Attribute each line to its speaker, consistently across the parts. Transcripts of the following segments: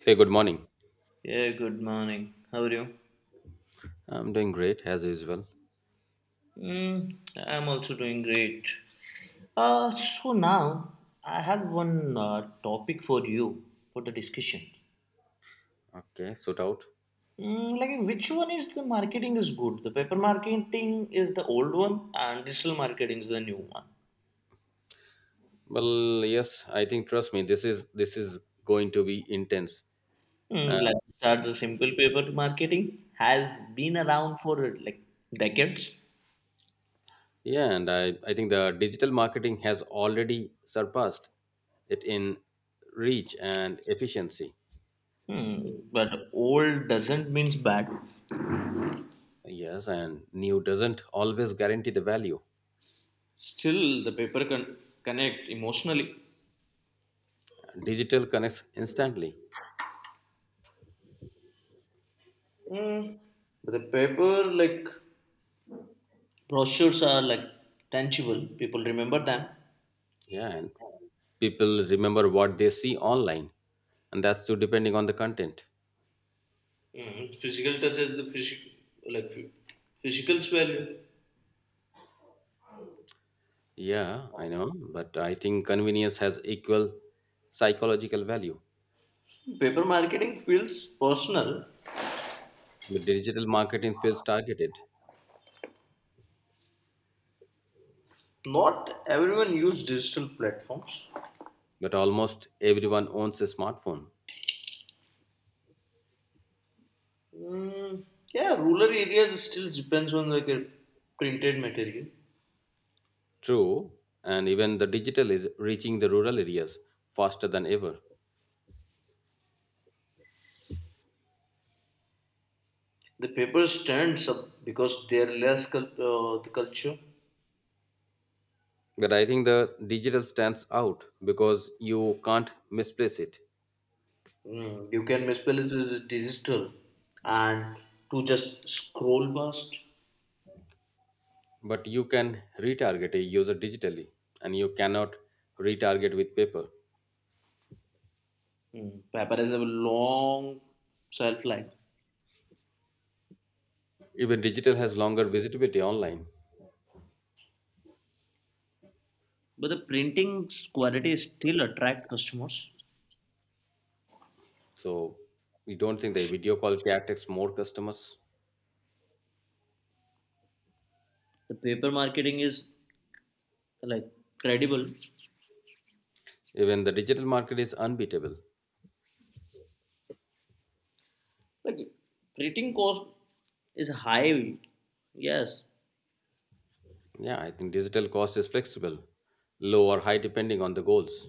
Speaker 1: Hey, good morning.
Speaker 2: Yeah, good morning. How are you?
Speaker 1: I'm doing great as usual.
Speaker 2: I'm also doing great. So now I have one topic for you for the discussion.
Speaker 1: Okay, suit out.
Speaker 2: Like which one is the marketing is good? The paper marketing is the old one and digital marketing is the new one.
Speaker 1: Well, yes, I think trust me, this is going to be intense. And
Speaker 2: Let's start the simple paper marketing has been around for like decades.
Speaker 1: yeah, and I think the digital marketing has already surpassed it in reach and efficiency.
Speaker 2: But old doesn't means bad.
Speaker 1: Yes, and new doesn't always guarantee the value.
Speaker 2: Still, the paper can connect emotionally.
Speaker 1: Digital connects instantly.
Speaker 2: Mm. But the paper, brochures are like tangible people remember them.
Speaker 1: Yeah, and people remember what they see online, and that's too depending on the content.
Speaker 2: Physical touch has the physical, like phy- physical value.
Speaker 1: Yeah, I know, but I think convenience has equal psychological value.
Speaker 2: Paper marketing feels personal.
Speaker 1: The digital marketing feels targeted,
Speaker 2: Not everyone use digital platforms.
Speaker 1: but almost everyone owns a smartphone.
Speaker 2: Mm. Yeah, rural areas still depends on like a printed material.
Speaker 1: True, and even the digital is reaching the rural areas faster than ever.
Speaker 2: The paper stands up because they're less the culture.
Speaker 1: But I think the digital stands out because you can't misplace it,
Speaker 2: You can misplace is digital and to just scroll past.
Speaker 1: but you can retarget a user digitally, and you cannot retarget with paper.
Speaker 2: Paper has a long shelf life.
Speaker 1: Even digital has longer visibility online.
Speaker 2: But the printing quality still attract customers.
Speaker 1: So we don't think the video call can attract more customers.
Speaker 2: The paper marketing is like credible.
Speaker 1: Even the digital market is unbeatable.
Speaker 2: Like printing cost is high, yes.
Speaker 1: Yeah, I think digital cost is flexible, low or high depending on the goals.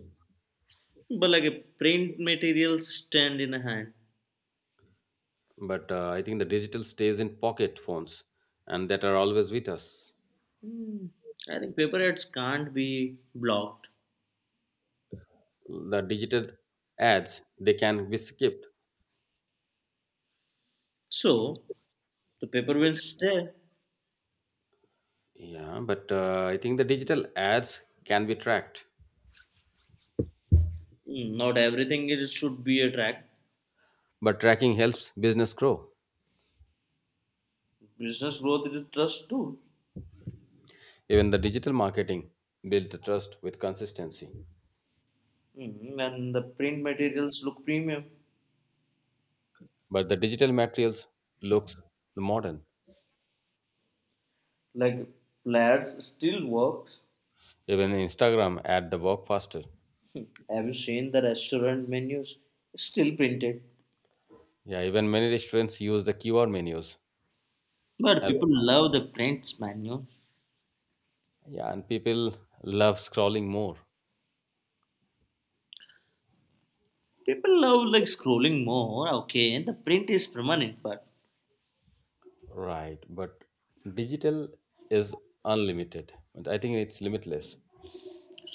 Speaker 2: But like a print material stand in a hand.
Speaker 1: But I think the digital stays in pocket phones and that are always with us.
Speaker 2: Mm, I think paper ads can't be blocked.
Speaker 1: The digital ads, they can be skipped.
Speaker 2: So the paper wins there.
Speaker 1: Yeah, but I think the digital ads can be tracked.
Speaker 2: Not everything it should be a track.
Speaker 1: But tracking helps business grow.
Speaker 2: Business growth is trust too.
Speaker 1: Even the digital marketing build the trust with consistency.
Speaker 2: And the print materials look premium.
Speaker 1: But the digital materials looks modern.
Speaker 2: Like Plaid's still works.
Speaker 1: Even Instagram ad the work faster.
Speaker 2: Have you seen the restaurant menus? It's still printed.
Speaker 1: Yeah, even many restaurants use the QR menus.
Speaker 2: But
Speaker 1: As
Speaker 2: people
Speaker 1: well.
Speaker 2: love the prints menu.
Speaker 1: Yeah, and people love scrolling more.
Speaker 2: People love like scrolling more. Okay, and the print is permanent, but
Speaker 1: Right, but digital is unlimited. But I think it's limitless.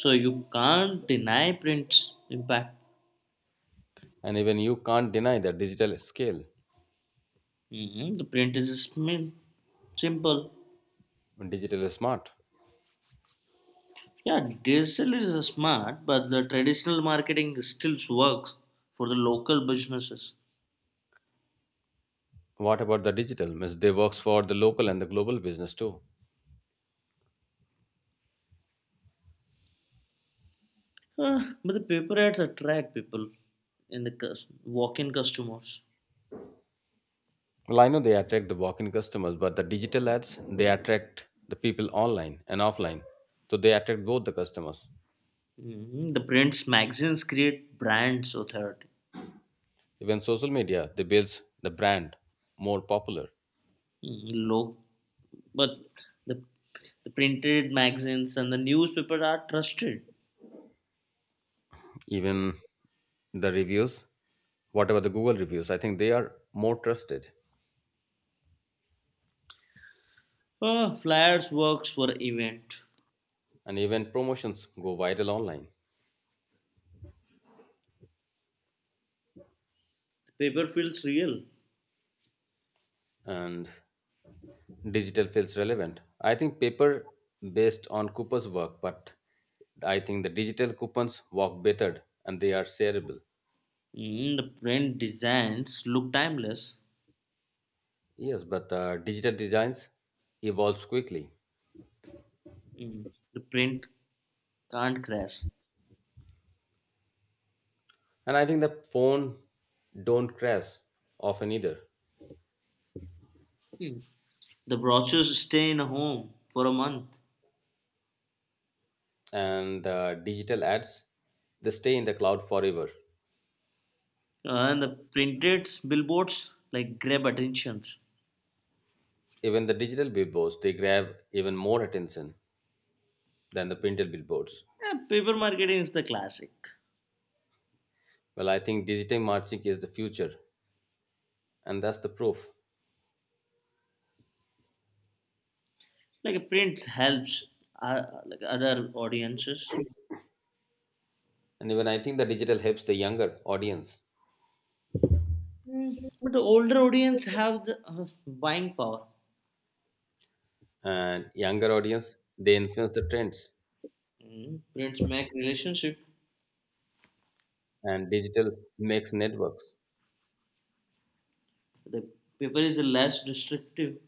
Speaker 2: so you can't deny print's impact.
Speaker 1: And even you can't deny the digital scale.
Speaker 2: The print is simple.
Speaker 1: Digital is smart.
Speaker 2: Yeah, digital is smart, but the traditional marketing still works for the local businesses.
Speaker 1: What about the digital? Means they works for the local and the global business too.
Speaker 2: But the paper ads attract people and the walk-in customers.
Speaker 1: Well, I know they attract the walk-in customers, but the digital ads they attract the people online and offline, so they attract both the customers.
Speaker 2: Mhm. The prints magazines create brands authority.
Speaker 1: Even social media they builds the brand more popular.
Speaker 2: Mhm, low, but the printed magazines and the newspaper are trusted.
Speaker 1: Even the reviews, whatever the Google reviews, I think they are more trusted,
Speaker 2: Flyers works for event.
Speaker 1: and even promotions go viral online.
Speaker 2: The paper feels real.
Speaker 1: And digital feels relevant. I think paper based on Cooper's work, but I think the digital coupons work better and they are shareable.
Speaker 2: Mhm, the print designs look timeless.
Speaker 1: Yes, but digital designs evolves quickly,
Speaker 2: Mm. The print can't crash.
Speaker 1: and I think the phone don't crash often either.
Speaker 2: Hmm. The brochures stay in a home for a month.
Speaker 1: And digital ads, they stay in the cloud forever.
Speaker 2: And the printed billboards like grab attentions.
Speaker 1: Even the digital billboards, they grab even more attention than the printed billboards.
Speaker 2: Yeah, paper marketing is the classic.
Speaker 1: Well, I think digital marketing is the future, and that's the proof.
Speaker 2: Like print helps like other audiences.
Speaker 1: And even I think the digital helps the younger audience,
Speaker 2: Hmm. But the older audience have the buying power.
Speaker 1: and younger audience they influence the trends,
Speaker 2: Mm. Prints make relationship.
Speaker 1: and digital makes networks
Speaker 2: The paper is less destructive,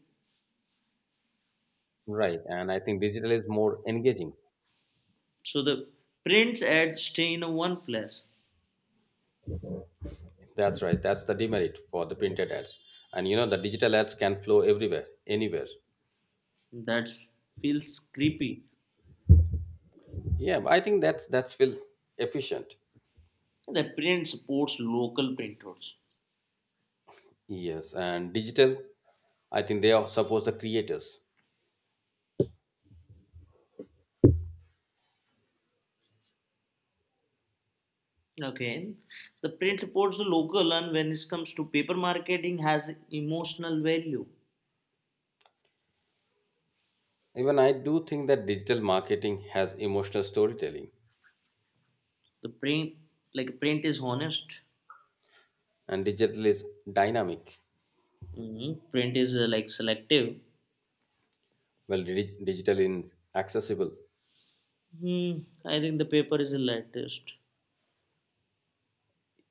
Speaker 1: right. And I think digital is more engaging.
Speaker 2: so the prints ads stay in one place.
Speaker 1: That's right. That's the demerit for the printed ads. And you know the digital ads can flow everywhere, anywhere.
Speaker 2: That feels creepy.
Speaker 1: Yeah, but I think that's feel efficient.
Speaker 2: The print supports local printers.
Speaker 1: Yes, and digital, I think they are suppose the creators.
Speaker 2: Okay, the print supports the local, and when it comes to paper marketing, has emotional value.
Speaker 1: Even I do think that digital marketing has emotional storytelling,
Speaker 2: The print, like print, is honest.
Speaker 1: and digital is dynamic.
Speaker 2: Mhm. Print is like selective.
Speaker 1: Well, digital is accessible.
Speaker 2: Hmm, I think the paper is the latest.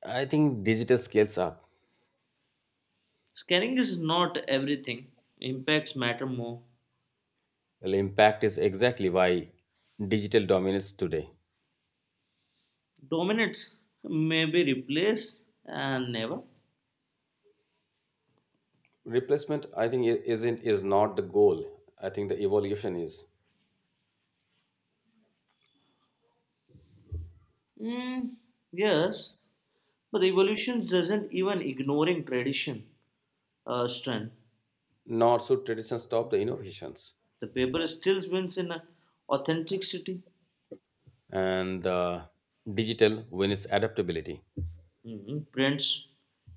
Speaker 1: I think digital scales up.
Speaker 2: Scanning is not everything. Impacts matter more.
Speaker 1: Well, impact is exactly why digital dominates today.
Speaker 2: Dominates maybe replace and never.
Speaker 1: Replacement, I think I- isn't is not the goal. I think the evolution is.
Speaker 2: Hmm, yes, but the evolution doesn't even ignoring tradition strength.
Speaker 1: Not so tradition stop the innovations
Speaker 2: The paper still wins in authenticity.
Speaker 1: and digital when it's adaptability.
Speaker 2: Mhm. Prints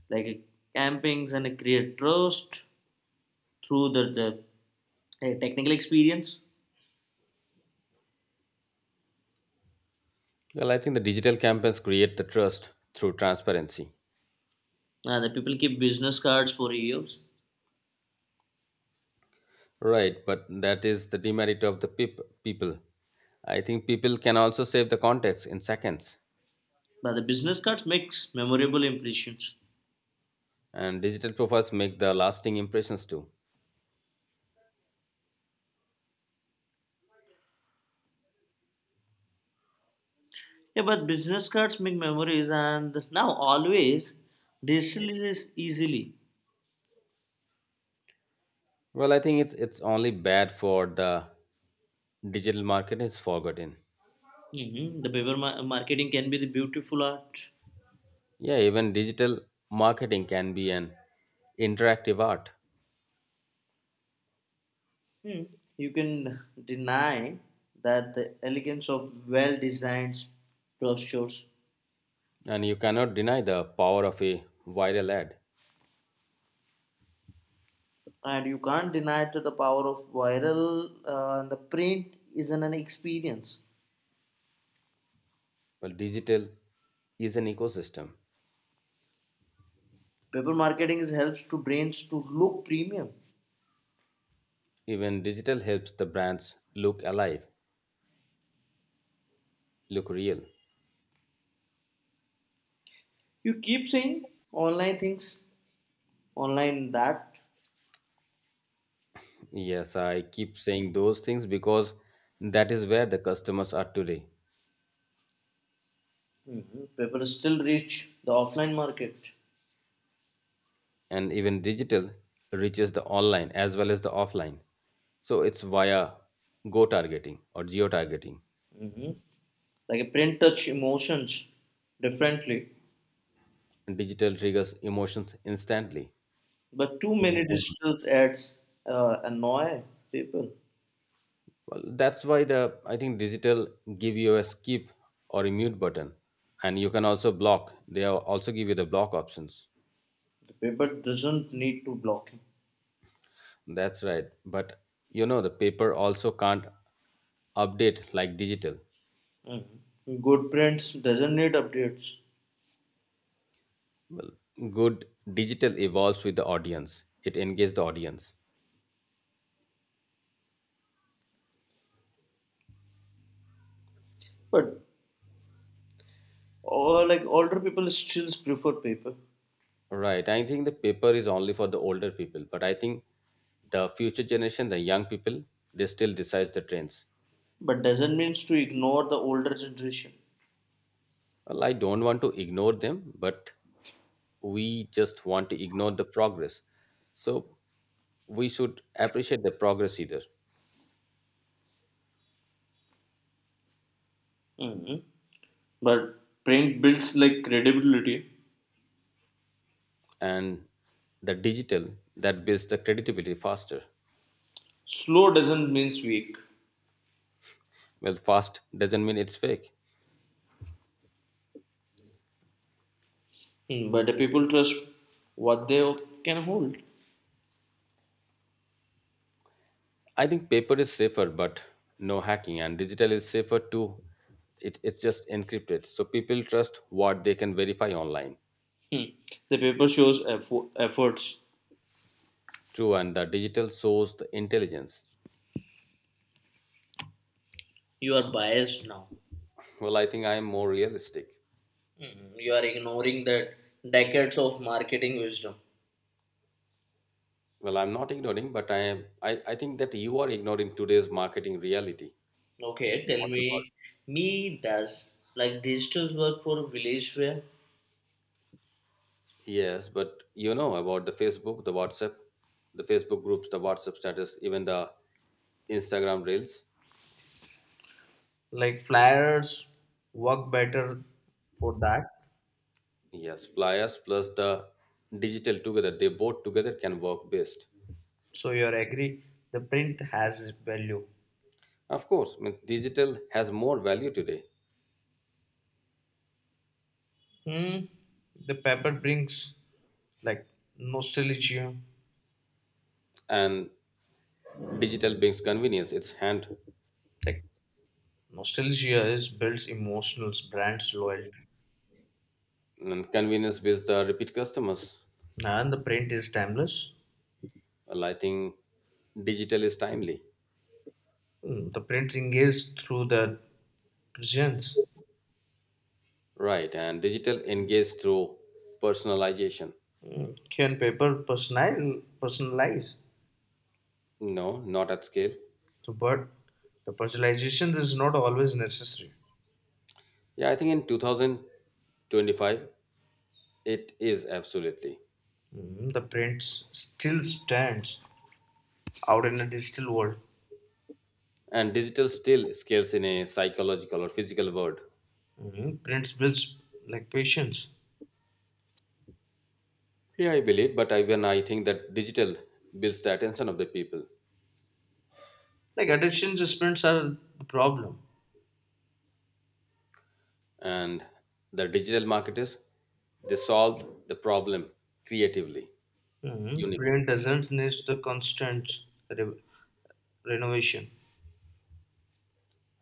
Speaker 2: like campings and create trust through the a technical experience.
Speaker 1: Well, I think the digital campaigns create the trust through transparency,
Speaker 2: The people keep business cards for years,
Speaker 1: right? But that is the demerit of the people. I think people can also save the context in seconds,
Speaker 2: but the business cards makes memorable impressions.
Speaker 1: and digital profiles make the lasting impressions too.
Speaker 2: Yeah, but business cards make memories, and now always digital is easily.
Speaker 1: Well, I think it's only bad for the digital market is forgotten.
Speaker 2: Mhm. The paper marketing can be the beautiful art.
Speaker 1: Yeah, even digital marketing can be an interactive art,
Speaker 2: Hmm. You can deny that the elegance of well designed brochures,
Speaker 1: and you cannot deny the power of a viral ad.
Speaker 2: and you can't deny to the power of viral and the print is not an experience.
Speaker 1: Well, digital is an ecosystem.
Speaker 2: Paper marketing is helps to brands to look premium.
Speaker 1: Even digital helps the brands look alive, look real.
Speaker 2: You keep saying online things, online that
Speaker 1: Yes, I keep saying those things because that is where the customers are today.
Speaker 2: hmm, paper still reach the offline market.
Speaker 1: And even digital reaches the online as well as the offline. So it's via go targeting or geo targeting.
Speaker 2: Like a print touch emotions differently,
Speaker 1: Digital triggers emotions instantly.
Speaker 2: but too
Speaker 1: To the
Speaker 2: many
Speaker 1: phone.
Speaker 2: digital ads annoy people.
Speaker 1: Well, that's why the I think digital give you a skip or a mute button, and you can also block. They also give you the block options.
Speaker 2: The paper doesn't need to block him.
Speaker 1: That's right. But you know the paper also can't update like digital.
Speaker 2: Mm-hmm. Good prints doesn't need updates.
Speaker 1: Well, good digital evolves with the audience. It engages the audience.
Speaker 2: But all like older people still prefer paper.
Speaker 1: Right. I think the paper is only for the older people, but I think the future generation, the young people, they still decide the trends.
Speaker 2: But doesn't means to ignore the older generation.
Speaker 1: Well, I don't want to ignore them, but we just want to ignore the progress, so we should appreciate the progress either.
Speaker 2: Mm-hmm. But print builds like credibility.
Speaker 1: And the digital that builds the credibility faster.
Speaker 2: Slow doesn't means weak.
Speaker 1: Well, fast doesn't mean it's fake.
Speaker 2: Mm-hmm. But the people trust what they can hold.
Speaker 1: I think paper is safer but no hacking, and digital is safer too. It, it's just encrypted so people trust what they can verify online.
Speaker 2: Mm. The paper shows efforts.
Speaker 1: True, and the digital shows the intelligence.
Speaker 2: You are biased now.
Speaker 1: Well, I think I am more realistic.
Speaker 2: Mm-hmm. You are ignoring that decades of marketing wisdom.
Speaker 1: Well, I'm not ignoring, but I think that you are ignoring today's marketing reality.
Speaker 2: Okay, tell me, me does like digital work for village wear?
Speaker 1: Yes, but you know about the Facebook, the WhatsApp, the Facebook groups, the WhatsApp status, even the Instagram reels.
Speaker 2: Like flyers work better for that.
Speaker 1: Yes, flyers plus the digital together, they both together can work best.
Speaker 2: So you agree the print has value.
Speaker 1: Of course, means digital has more value today,
Speaker 2: Hmm. The paper brings like nostalgia.
Speaker 1: and digital brings convenience. It's hand
Speaker 2: Like nostalgia is builds emotions, brands loyalty.
Speaker 1: and convenience with the repeat customers.
Speaker 2: And the print is timeless.
Speaker 1: Well, I think digital is timely,
Speaker 2: The print engages through the presence.
Speaker 1: right? And digital engage through personalization.
Speaker 2: Can paper personal personalize?
Speaker 1: No, not at scale.
Speaker 2: So, but the personalization is not always necessary.
Speaker 1: Yeah, I think in 2025, it is absolutely.
Speaker 2: Mhm. The print still stands out in a digital world.
Speaker 1: And digital still scales in a psychological or physical world.
Speaker 2: Mhm. Prints builds like patience.
Speaker 1: Yeah, I believe, but I, when I think that digital builds the attention of the people
Speaker 2: Like attention spans are the problem.
Speaker 1: and the digital marketers, they solve the problem creatively,
Speaker 2: Mhm.
Speaker 1: unique.
Speaker 2: Print doesn't need the constant re- renovation.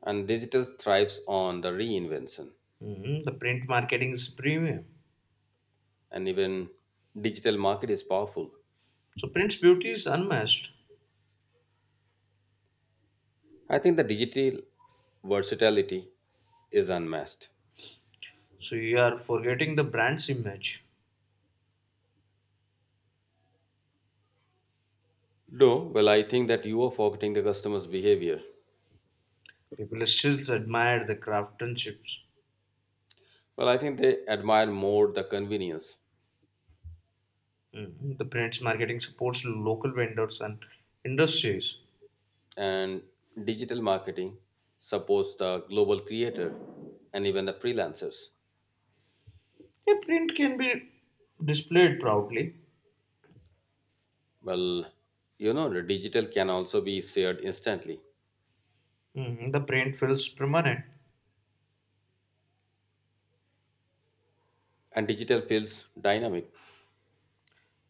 Speaker 1: And digital thrives on the reinvention.
Speaker 2: Mhm. The print marketing is premium.
Speaker 1: And even digital market is powerful.
Speaker 2: So print's beauty is unmatched.
Speaker 1: I think the digital versatility is unmatched.
Speaker 2: So you are forgetting the brand's image.
Speaker 1: No, well, I think that you are forgetting the customer's behavior.
Speaker 2: People still admire the craftsmanship.
Speaker 1: Well, I think they admire more the convenience
Speaker 2: The print's marketing supports local vendors and industries.
Speaker 1: and digital marketing supports the global creator and even the freelancers.
Speaker 2: A print can be displayed proudly.
Speaker 1: Well, you know, the digital can also be shared instantly
Speaker 2: The print feels permanent.
Speaker 1: and digital feels dynamic.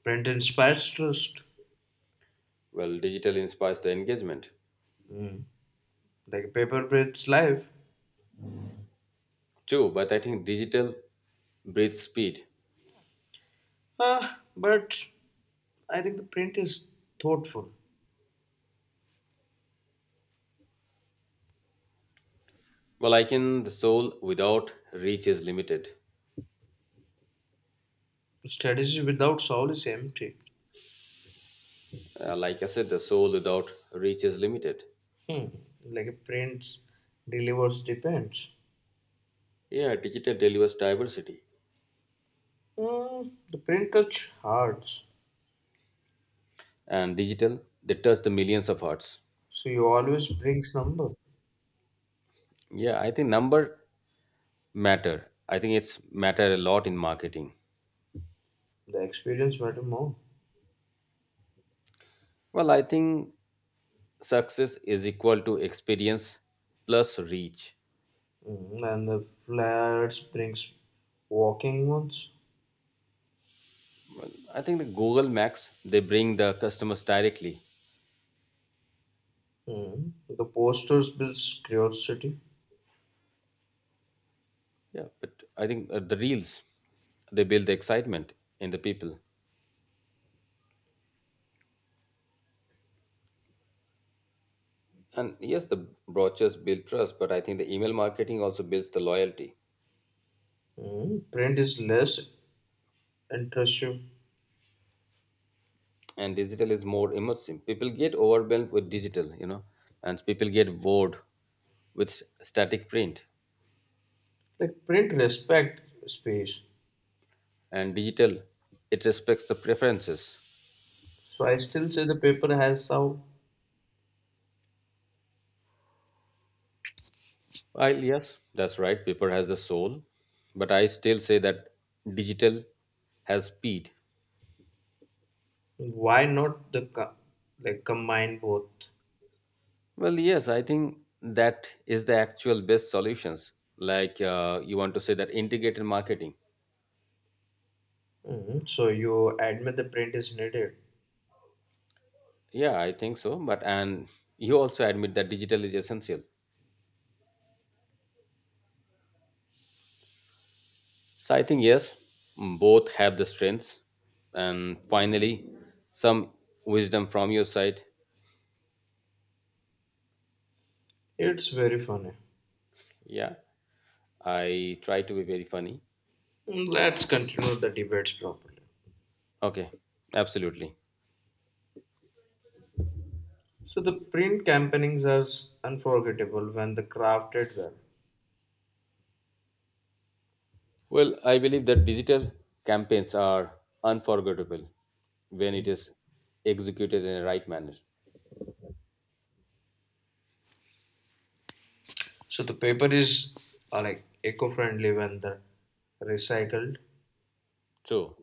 Speaker 2: Print inspires trust.
Speaker 1: Well, digital inspires the engagement
Speaker 2: Mm, like paper prints life.
Speaker 1: too, but I think digital breeds speed.
Speaker 2: Ah, but I think the print is thoughtful.
Speaker 1: Well, I can, the soul without reach is limited.
Speaker 2: Strategy without soul is empty.
Speaker 1: Like I said, the soul without reach is limited.
Speaker 2: Hmm. Like a print delivers depends.
Speaker 1: Yeah, digital delivers diversity,
Speaker 2: The print touch hearts,
Speaker 1: and digital they touch the millions of hearts.
Speaker 2: so you always brings number.
Speaker 1: Yeah, I think number matter. I think it's matter a lot in marketing.
Speaker 2: The experience matter more.
Speaker 1: Well, I think success is equal to experience plus reach.
Speaker 2: And the flats brings walking ones.
Speaker 1: I think the Google Max they bring the customers directly.
Speaker 2: The posters builds curiosity.
Speaker 1: Yeah, but I think the reels they build the excitement in the people. And yes, the brochures build trust, but I think the email marketing also builds the loyalty.
Speaker 2: Print is less intrusive.
Speaker 1: And digital is more immersive. People get overwhelmed with digital, you know, and people get bored with static print.
Speaker 2: Like print respect space.
Speaker 1: And digital, it respects the preferences.
Speaker 2: So I still say the paper has some.
Speaker 1: While yes, that's right, paper has the soul, but I still say that digital has speed.
Speaker 2: Why not the like combine both?
Speaker 1: Well, yes, I think that is the actual best solutions. Like you want to say that integrated marketing.
Speaker 2: So you admit the print is needed.
Speaker 1: Yeah, I think so. But and you also admit that digital is essential. So I think yes, mm, both have the strengths, and finally, some wisdom from your side.
Speaker 2: It's very funny.
Speaker 1: Yeah, I try to be very funny.
Speaker 2: Let's continue the debates properly.
Speaker 1: Okay, absolutely.
Speaker 2: So the print campaignings are unforgettable when the crafted well.
Speaker 1: Well, I believe that digital campaigns are unforgettable when it is executed in the right manner.
Speaker 2: So the paper is like eco-friendly when the recycled.
Speaker 1: True,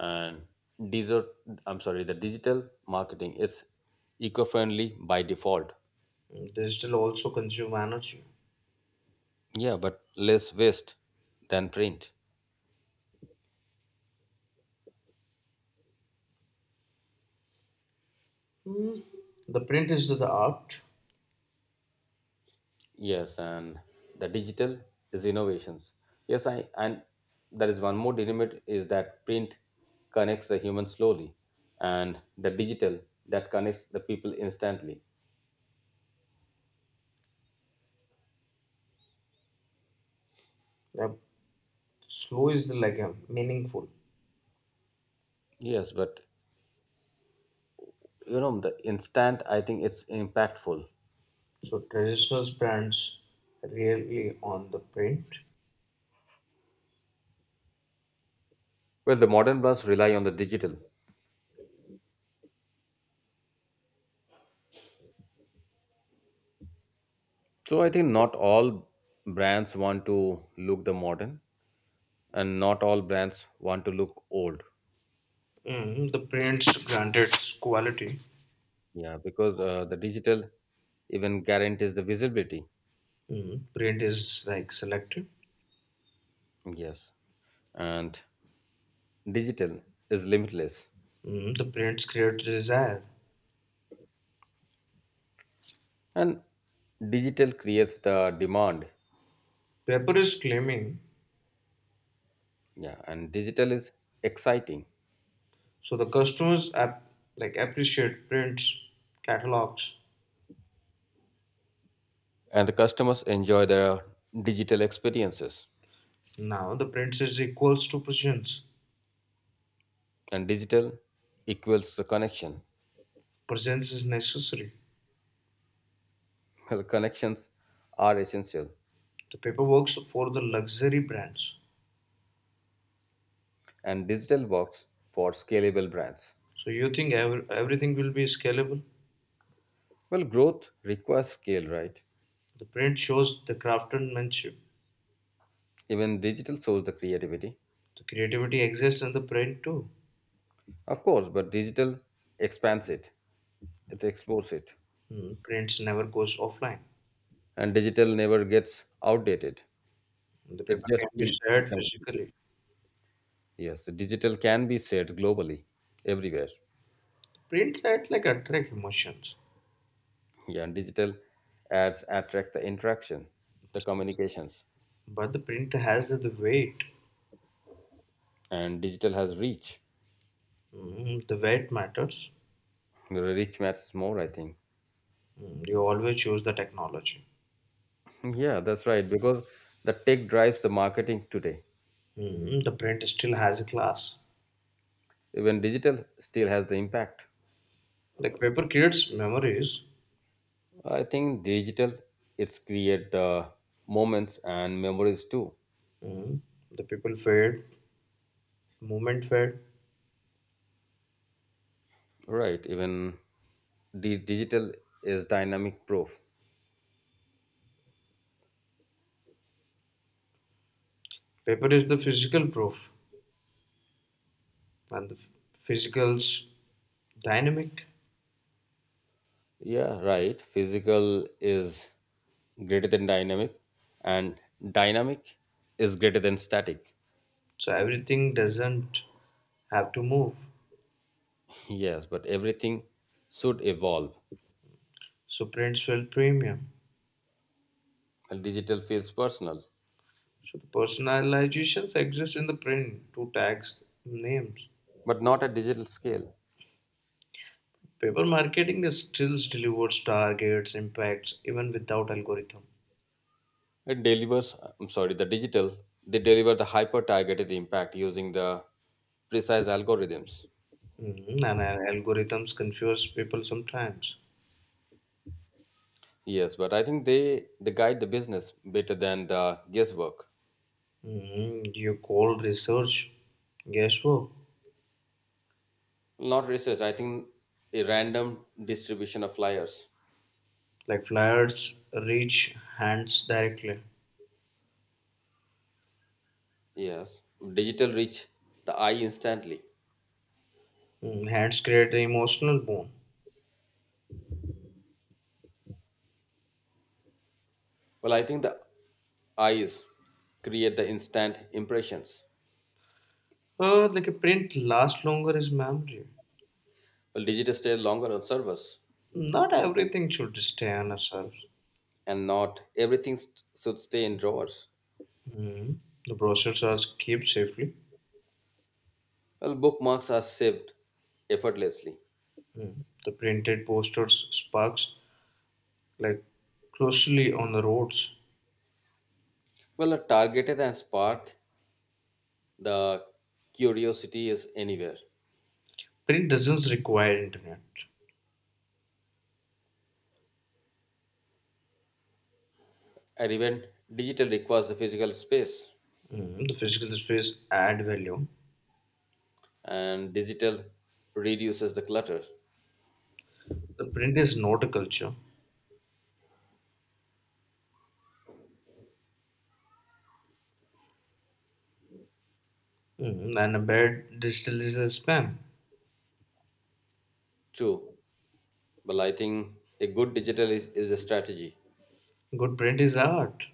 Speaker 1: and digital. I'm sorry, the digital marketing is eco-friendly by default.
Speaker 2: Digital also consume energy.
Speaker 1: Yeah, but less waste than print.
Speaker 2: Mm. The print is the art.
Speaker 1: Yes, and the digital is innovations. Yes, I and there is one more dynamic is that print connects the human slowly, and the digital that connects the people instantly.
Speaker 2: The slow is the like meaningful.
Speaker 1: Yes, but you know the instant. I think it's impactful.
Speaker 2: So traditional brands really on the print.
Speaker 1: Well, the modern brands rely on the digital, so I think not all brands want to look the modern, and not all brands want to look old.
Speaker 2: The prints granted quality.
Speaker 1: Yeah, because the digital even guarantees the visibility.
Speaker 2: Print is like selective.
Speaker 1: Yes. And digital is limitless
Speaker 2: The prints create desire.
Speaker 1: and digital creates the demand.
Speaker 2: Paper is claiming.
Speaker 1: Yeah, and digital is exciting
Speaker 2: So the customers app like appreciate prints, catalogs.
Speaker 1: and the customers enjoy their digital experiences
Speaker 2: Now the print is equals to presents.
Speaker 1: and digital equals the connection.
Speaker 2: Presents is necessary.
Speaker 1: Well, connections are essential
Speaker 2: The paper works for the luxury brands.
Speaker 1: and digital works for scalable brands.
Speaker 2: So you think everything will be scalable?
Speaker 1: Well, growth requires scale, right?
Speaker 2: The print shows the craftsmanship.
Speaker 1: Even digital shows the creativity.
Speaker 2: The creativity exists in the print too.
Speaker 1: Of course, but digital expands it, it explores it.
Speaker 2: Hmm, prints never goes offline.
Speaker 1: And digital never gets outdated.
Speaker 2: The
Speaker 1: It
Speaker 2: paper
Speaker 1: just
Speaker 2: can be
Speaker 1: came.
Speaker 2: shared physically.
Speaker 1: Yes, the digital can be shared globally, everywhere.
Speaker 2: Prints act like attract emotions,
Speaker 1: Yeah, and digital ads attract the interaction, the communications,
Speaker 2: but the print has the weight.
Speaker 1: and digital has reach.
Speaker 2: Hmm, the weight matters.
Speaker 1: The reach matters more, I think.
Speaker 2: Hmm, you always choose the technology.
Speaker 1: Yeah, that's right. Because the tech drives the marketing today.
Speaker 2: Hmm, the print still has a class.
Speaker 1: Even digital still has the impact.
Speaker 2: Like paper creates memories.
Speaker 1: I think digital it's create the moments and memories too.
Speaker 2: Mm. The people fade, movement fade.
Speaker 1: Right. Even the digital is dynamic proof.
Speaker 2: Paper is the physical proof, and the physical's dynamic.
Speaker 1: Yeah, right. Physical is greater than dynamic, and dynamic is greater than static.
Speaker 2: So everything doesn't have to move.
Speaker 1: Yes, but everything should evolve.
Speaker 2: So prints will premium.
Speaker 1: And digital feels personal,
Speaker 2: So the personalizations exist in the print to tags names.
Speaker 1: but not at digital scale.
Speaker 2: Paper marketing is still delivers targets, impacts, even without algorithm.
Speaker 1: It delivers, I'm sorry, the digital, they deliver the hyper targeted impact using the precise algorithms.
Speaker 2: Mhm, and algorithms confuse people sometimes.
Speaker 1: Yes, but I think they guide the business better than the guesswork.
Speaker 2: You call research guesswork.
Speaker 1: Not research, I think a random distribution of flyers.
Speaker 2: Like flyers reach hands directly.
Speaker 1: Yes, digital reach the eye instantly.
Speaker 2: Hands create the emotional bond.
Speaker 1: Well, I think the eyes create the instant impressions.
Speaker 2: Like a print lasts longer is memory.
Speaker 1: Well, digital stay longer on servers,
Speaker 2: Not everything should stay on ourselves.
Speaker 1: and not everything should stay in drawers.
Speaker 2: Mm, the brochures are kept safely.
Speaker 1: Well, bookmarks are saved effortlessly.
Speaker 2: The printed posters sparks like closely on the roads.
Speaker 1: Well, a targeted and spark the curiosity is anywhere.
Speaker 2: Print doesn't require internet.
Speaker 1: And even digital requires the physical space,
Speaker 2: The physical space add value.
Speaker 1: and digital reduces the clutter.
Speaker 2: The print is not a culture. Mhm, and a bad digital is a spam.
Speaker 1: True, well, I think a good digital is a strategy
Speaker 2: Good print is art.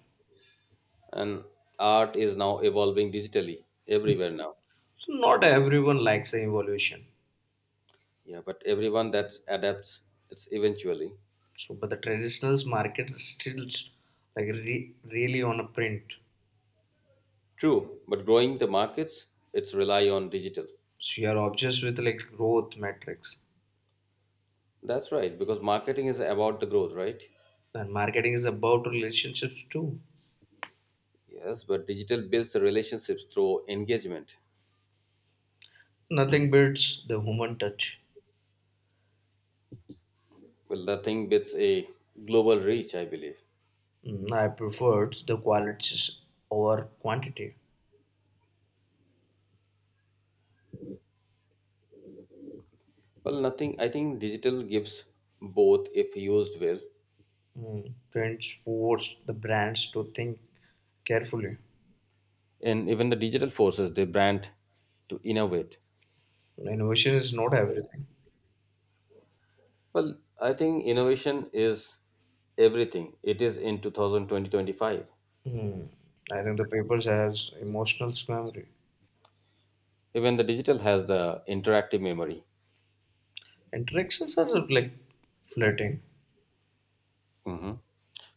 Speaker 1: and art is now evolving digitally everywhere now.
Speaker 2: So not everyone likes the evolution.
Speaker 1: Yeah, but everyone that adapts it's eventually.
Speaker 2: So but the traditional market is still like really on a print.
Speaker 1: True, but growing the markets it's rely on digital.
Speaker 2: So you are obsessed with like growth metrics.
Speaker 1: That's right, because marketing is about the growth, right?
Speaker 2: And marketing is about relationships too.
Speaker 1: Yes, but digital builds the relationships through engagement.
Speaker 2: Nothing beats the human touch.
Speaker 1: Well, nothing beats a global reach, I believe.
Speaker 2: I preferred the quality over quantity.
Speaker 1: Well, nothing, I think digital gives both if used well.
Speaker 2: Trends force the brands to think carefully.
Speaker 1: And even the digital forces the brand to innovate.
Speaker 2: Innovation is not everything.
Speaker 1: Well, I think innovation is everything. It is in 2020.
Speaker 2: Hmm. I think the papers has emotional memory.
Speaker 1: Even the digital has the interactive memory.
Speaker 2: Interactions are like flirting.
Speaker 1: Hmm.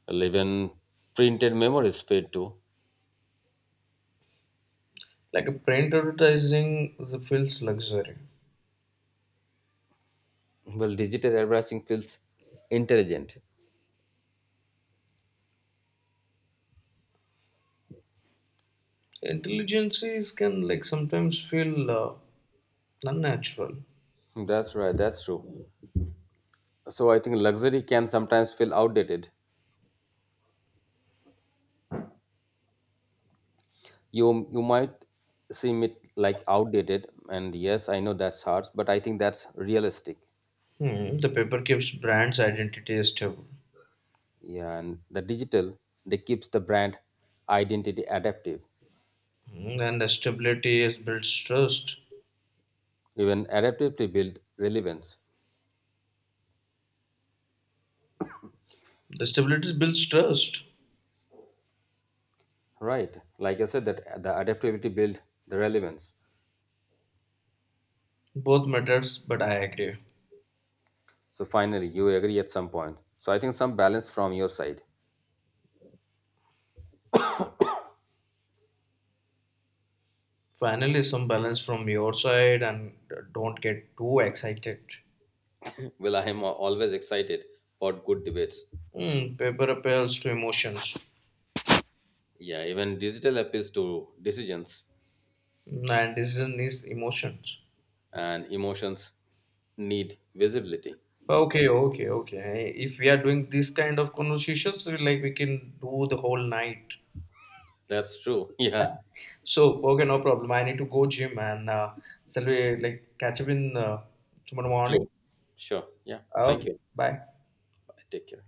Speaker 1: Well, even printed memory is fade too.
Speaker 2: Like a print advertising the feels luxury.
Speaker 1: Well, digital everything feels intelligent.
Speaker 2: Intelligences can like sometimes feel unnatural.
Speaker 1: That's right. That's true. So I think luxury can sometimes feel outdated. You might seem it like outdated, and yes, I know that's hard, but I think that's realistic.
Speaker 2: Hmm. The paper keeps brands' identity stable.
Speaker 1: Yeah, and the digital they keeps the brand identity adaptive.
Speaker 2: Hmm. And the stability is builds trust.
Speaker 1: Even adaptivity build relevance,
Speaker 2: The stability builds trust.
Speaker 1: right? Like I said, that the adaptability build the relevance.
Speaker 2: Both matters, but I agree.
Speaker 1: So finally, you agree at some point. So I think some balance from your side.
Speaker 2: Finally, some balance from your side and don't get too excited.
Speaker 1: Well, I am always excited for good debates.
Speaker 2: Hmm. Paper appeals to emotions.
Speaker 1: Yeah, even digital appeals to decisions
Speaker 2: And decision is emotions.
Speaker 1: and emotions need visibility.
Speaker 2: Okay, okay, okay. If we are doing this kind of conversations, like we can do the whole night.
Speaker 1: That's true. Yeah,
Speaker 2: So, okay, no problem. I need to go gym and shall we like catch up in tomorrow morning?
Speaker 1: true. Sure. Yeah.
Speaker 2: Oh,
Speaker 1: Thank you.
Speaker 2: bye.
Speaker 1: Bye. Take care.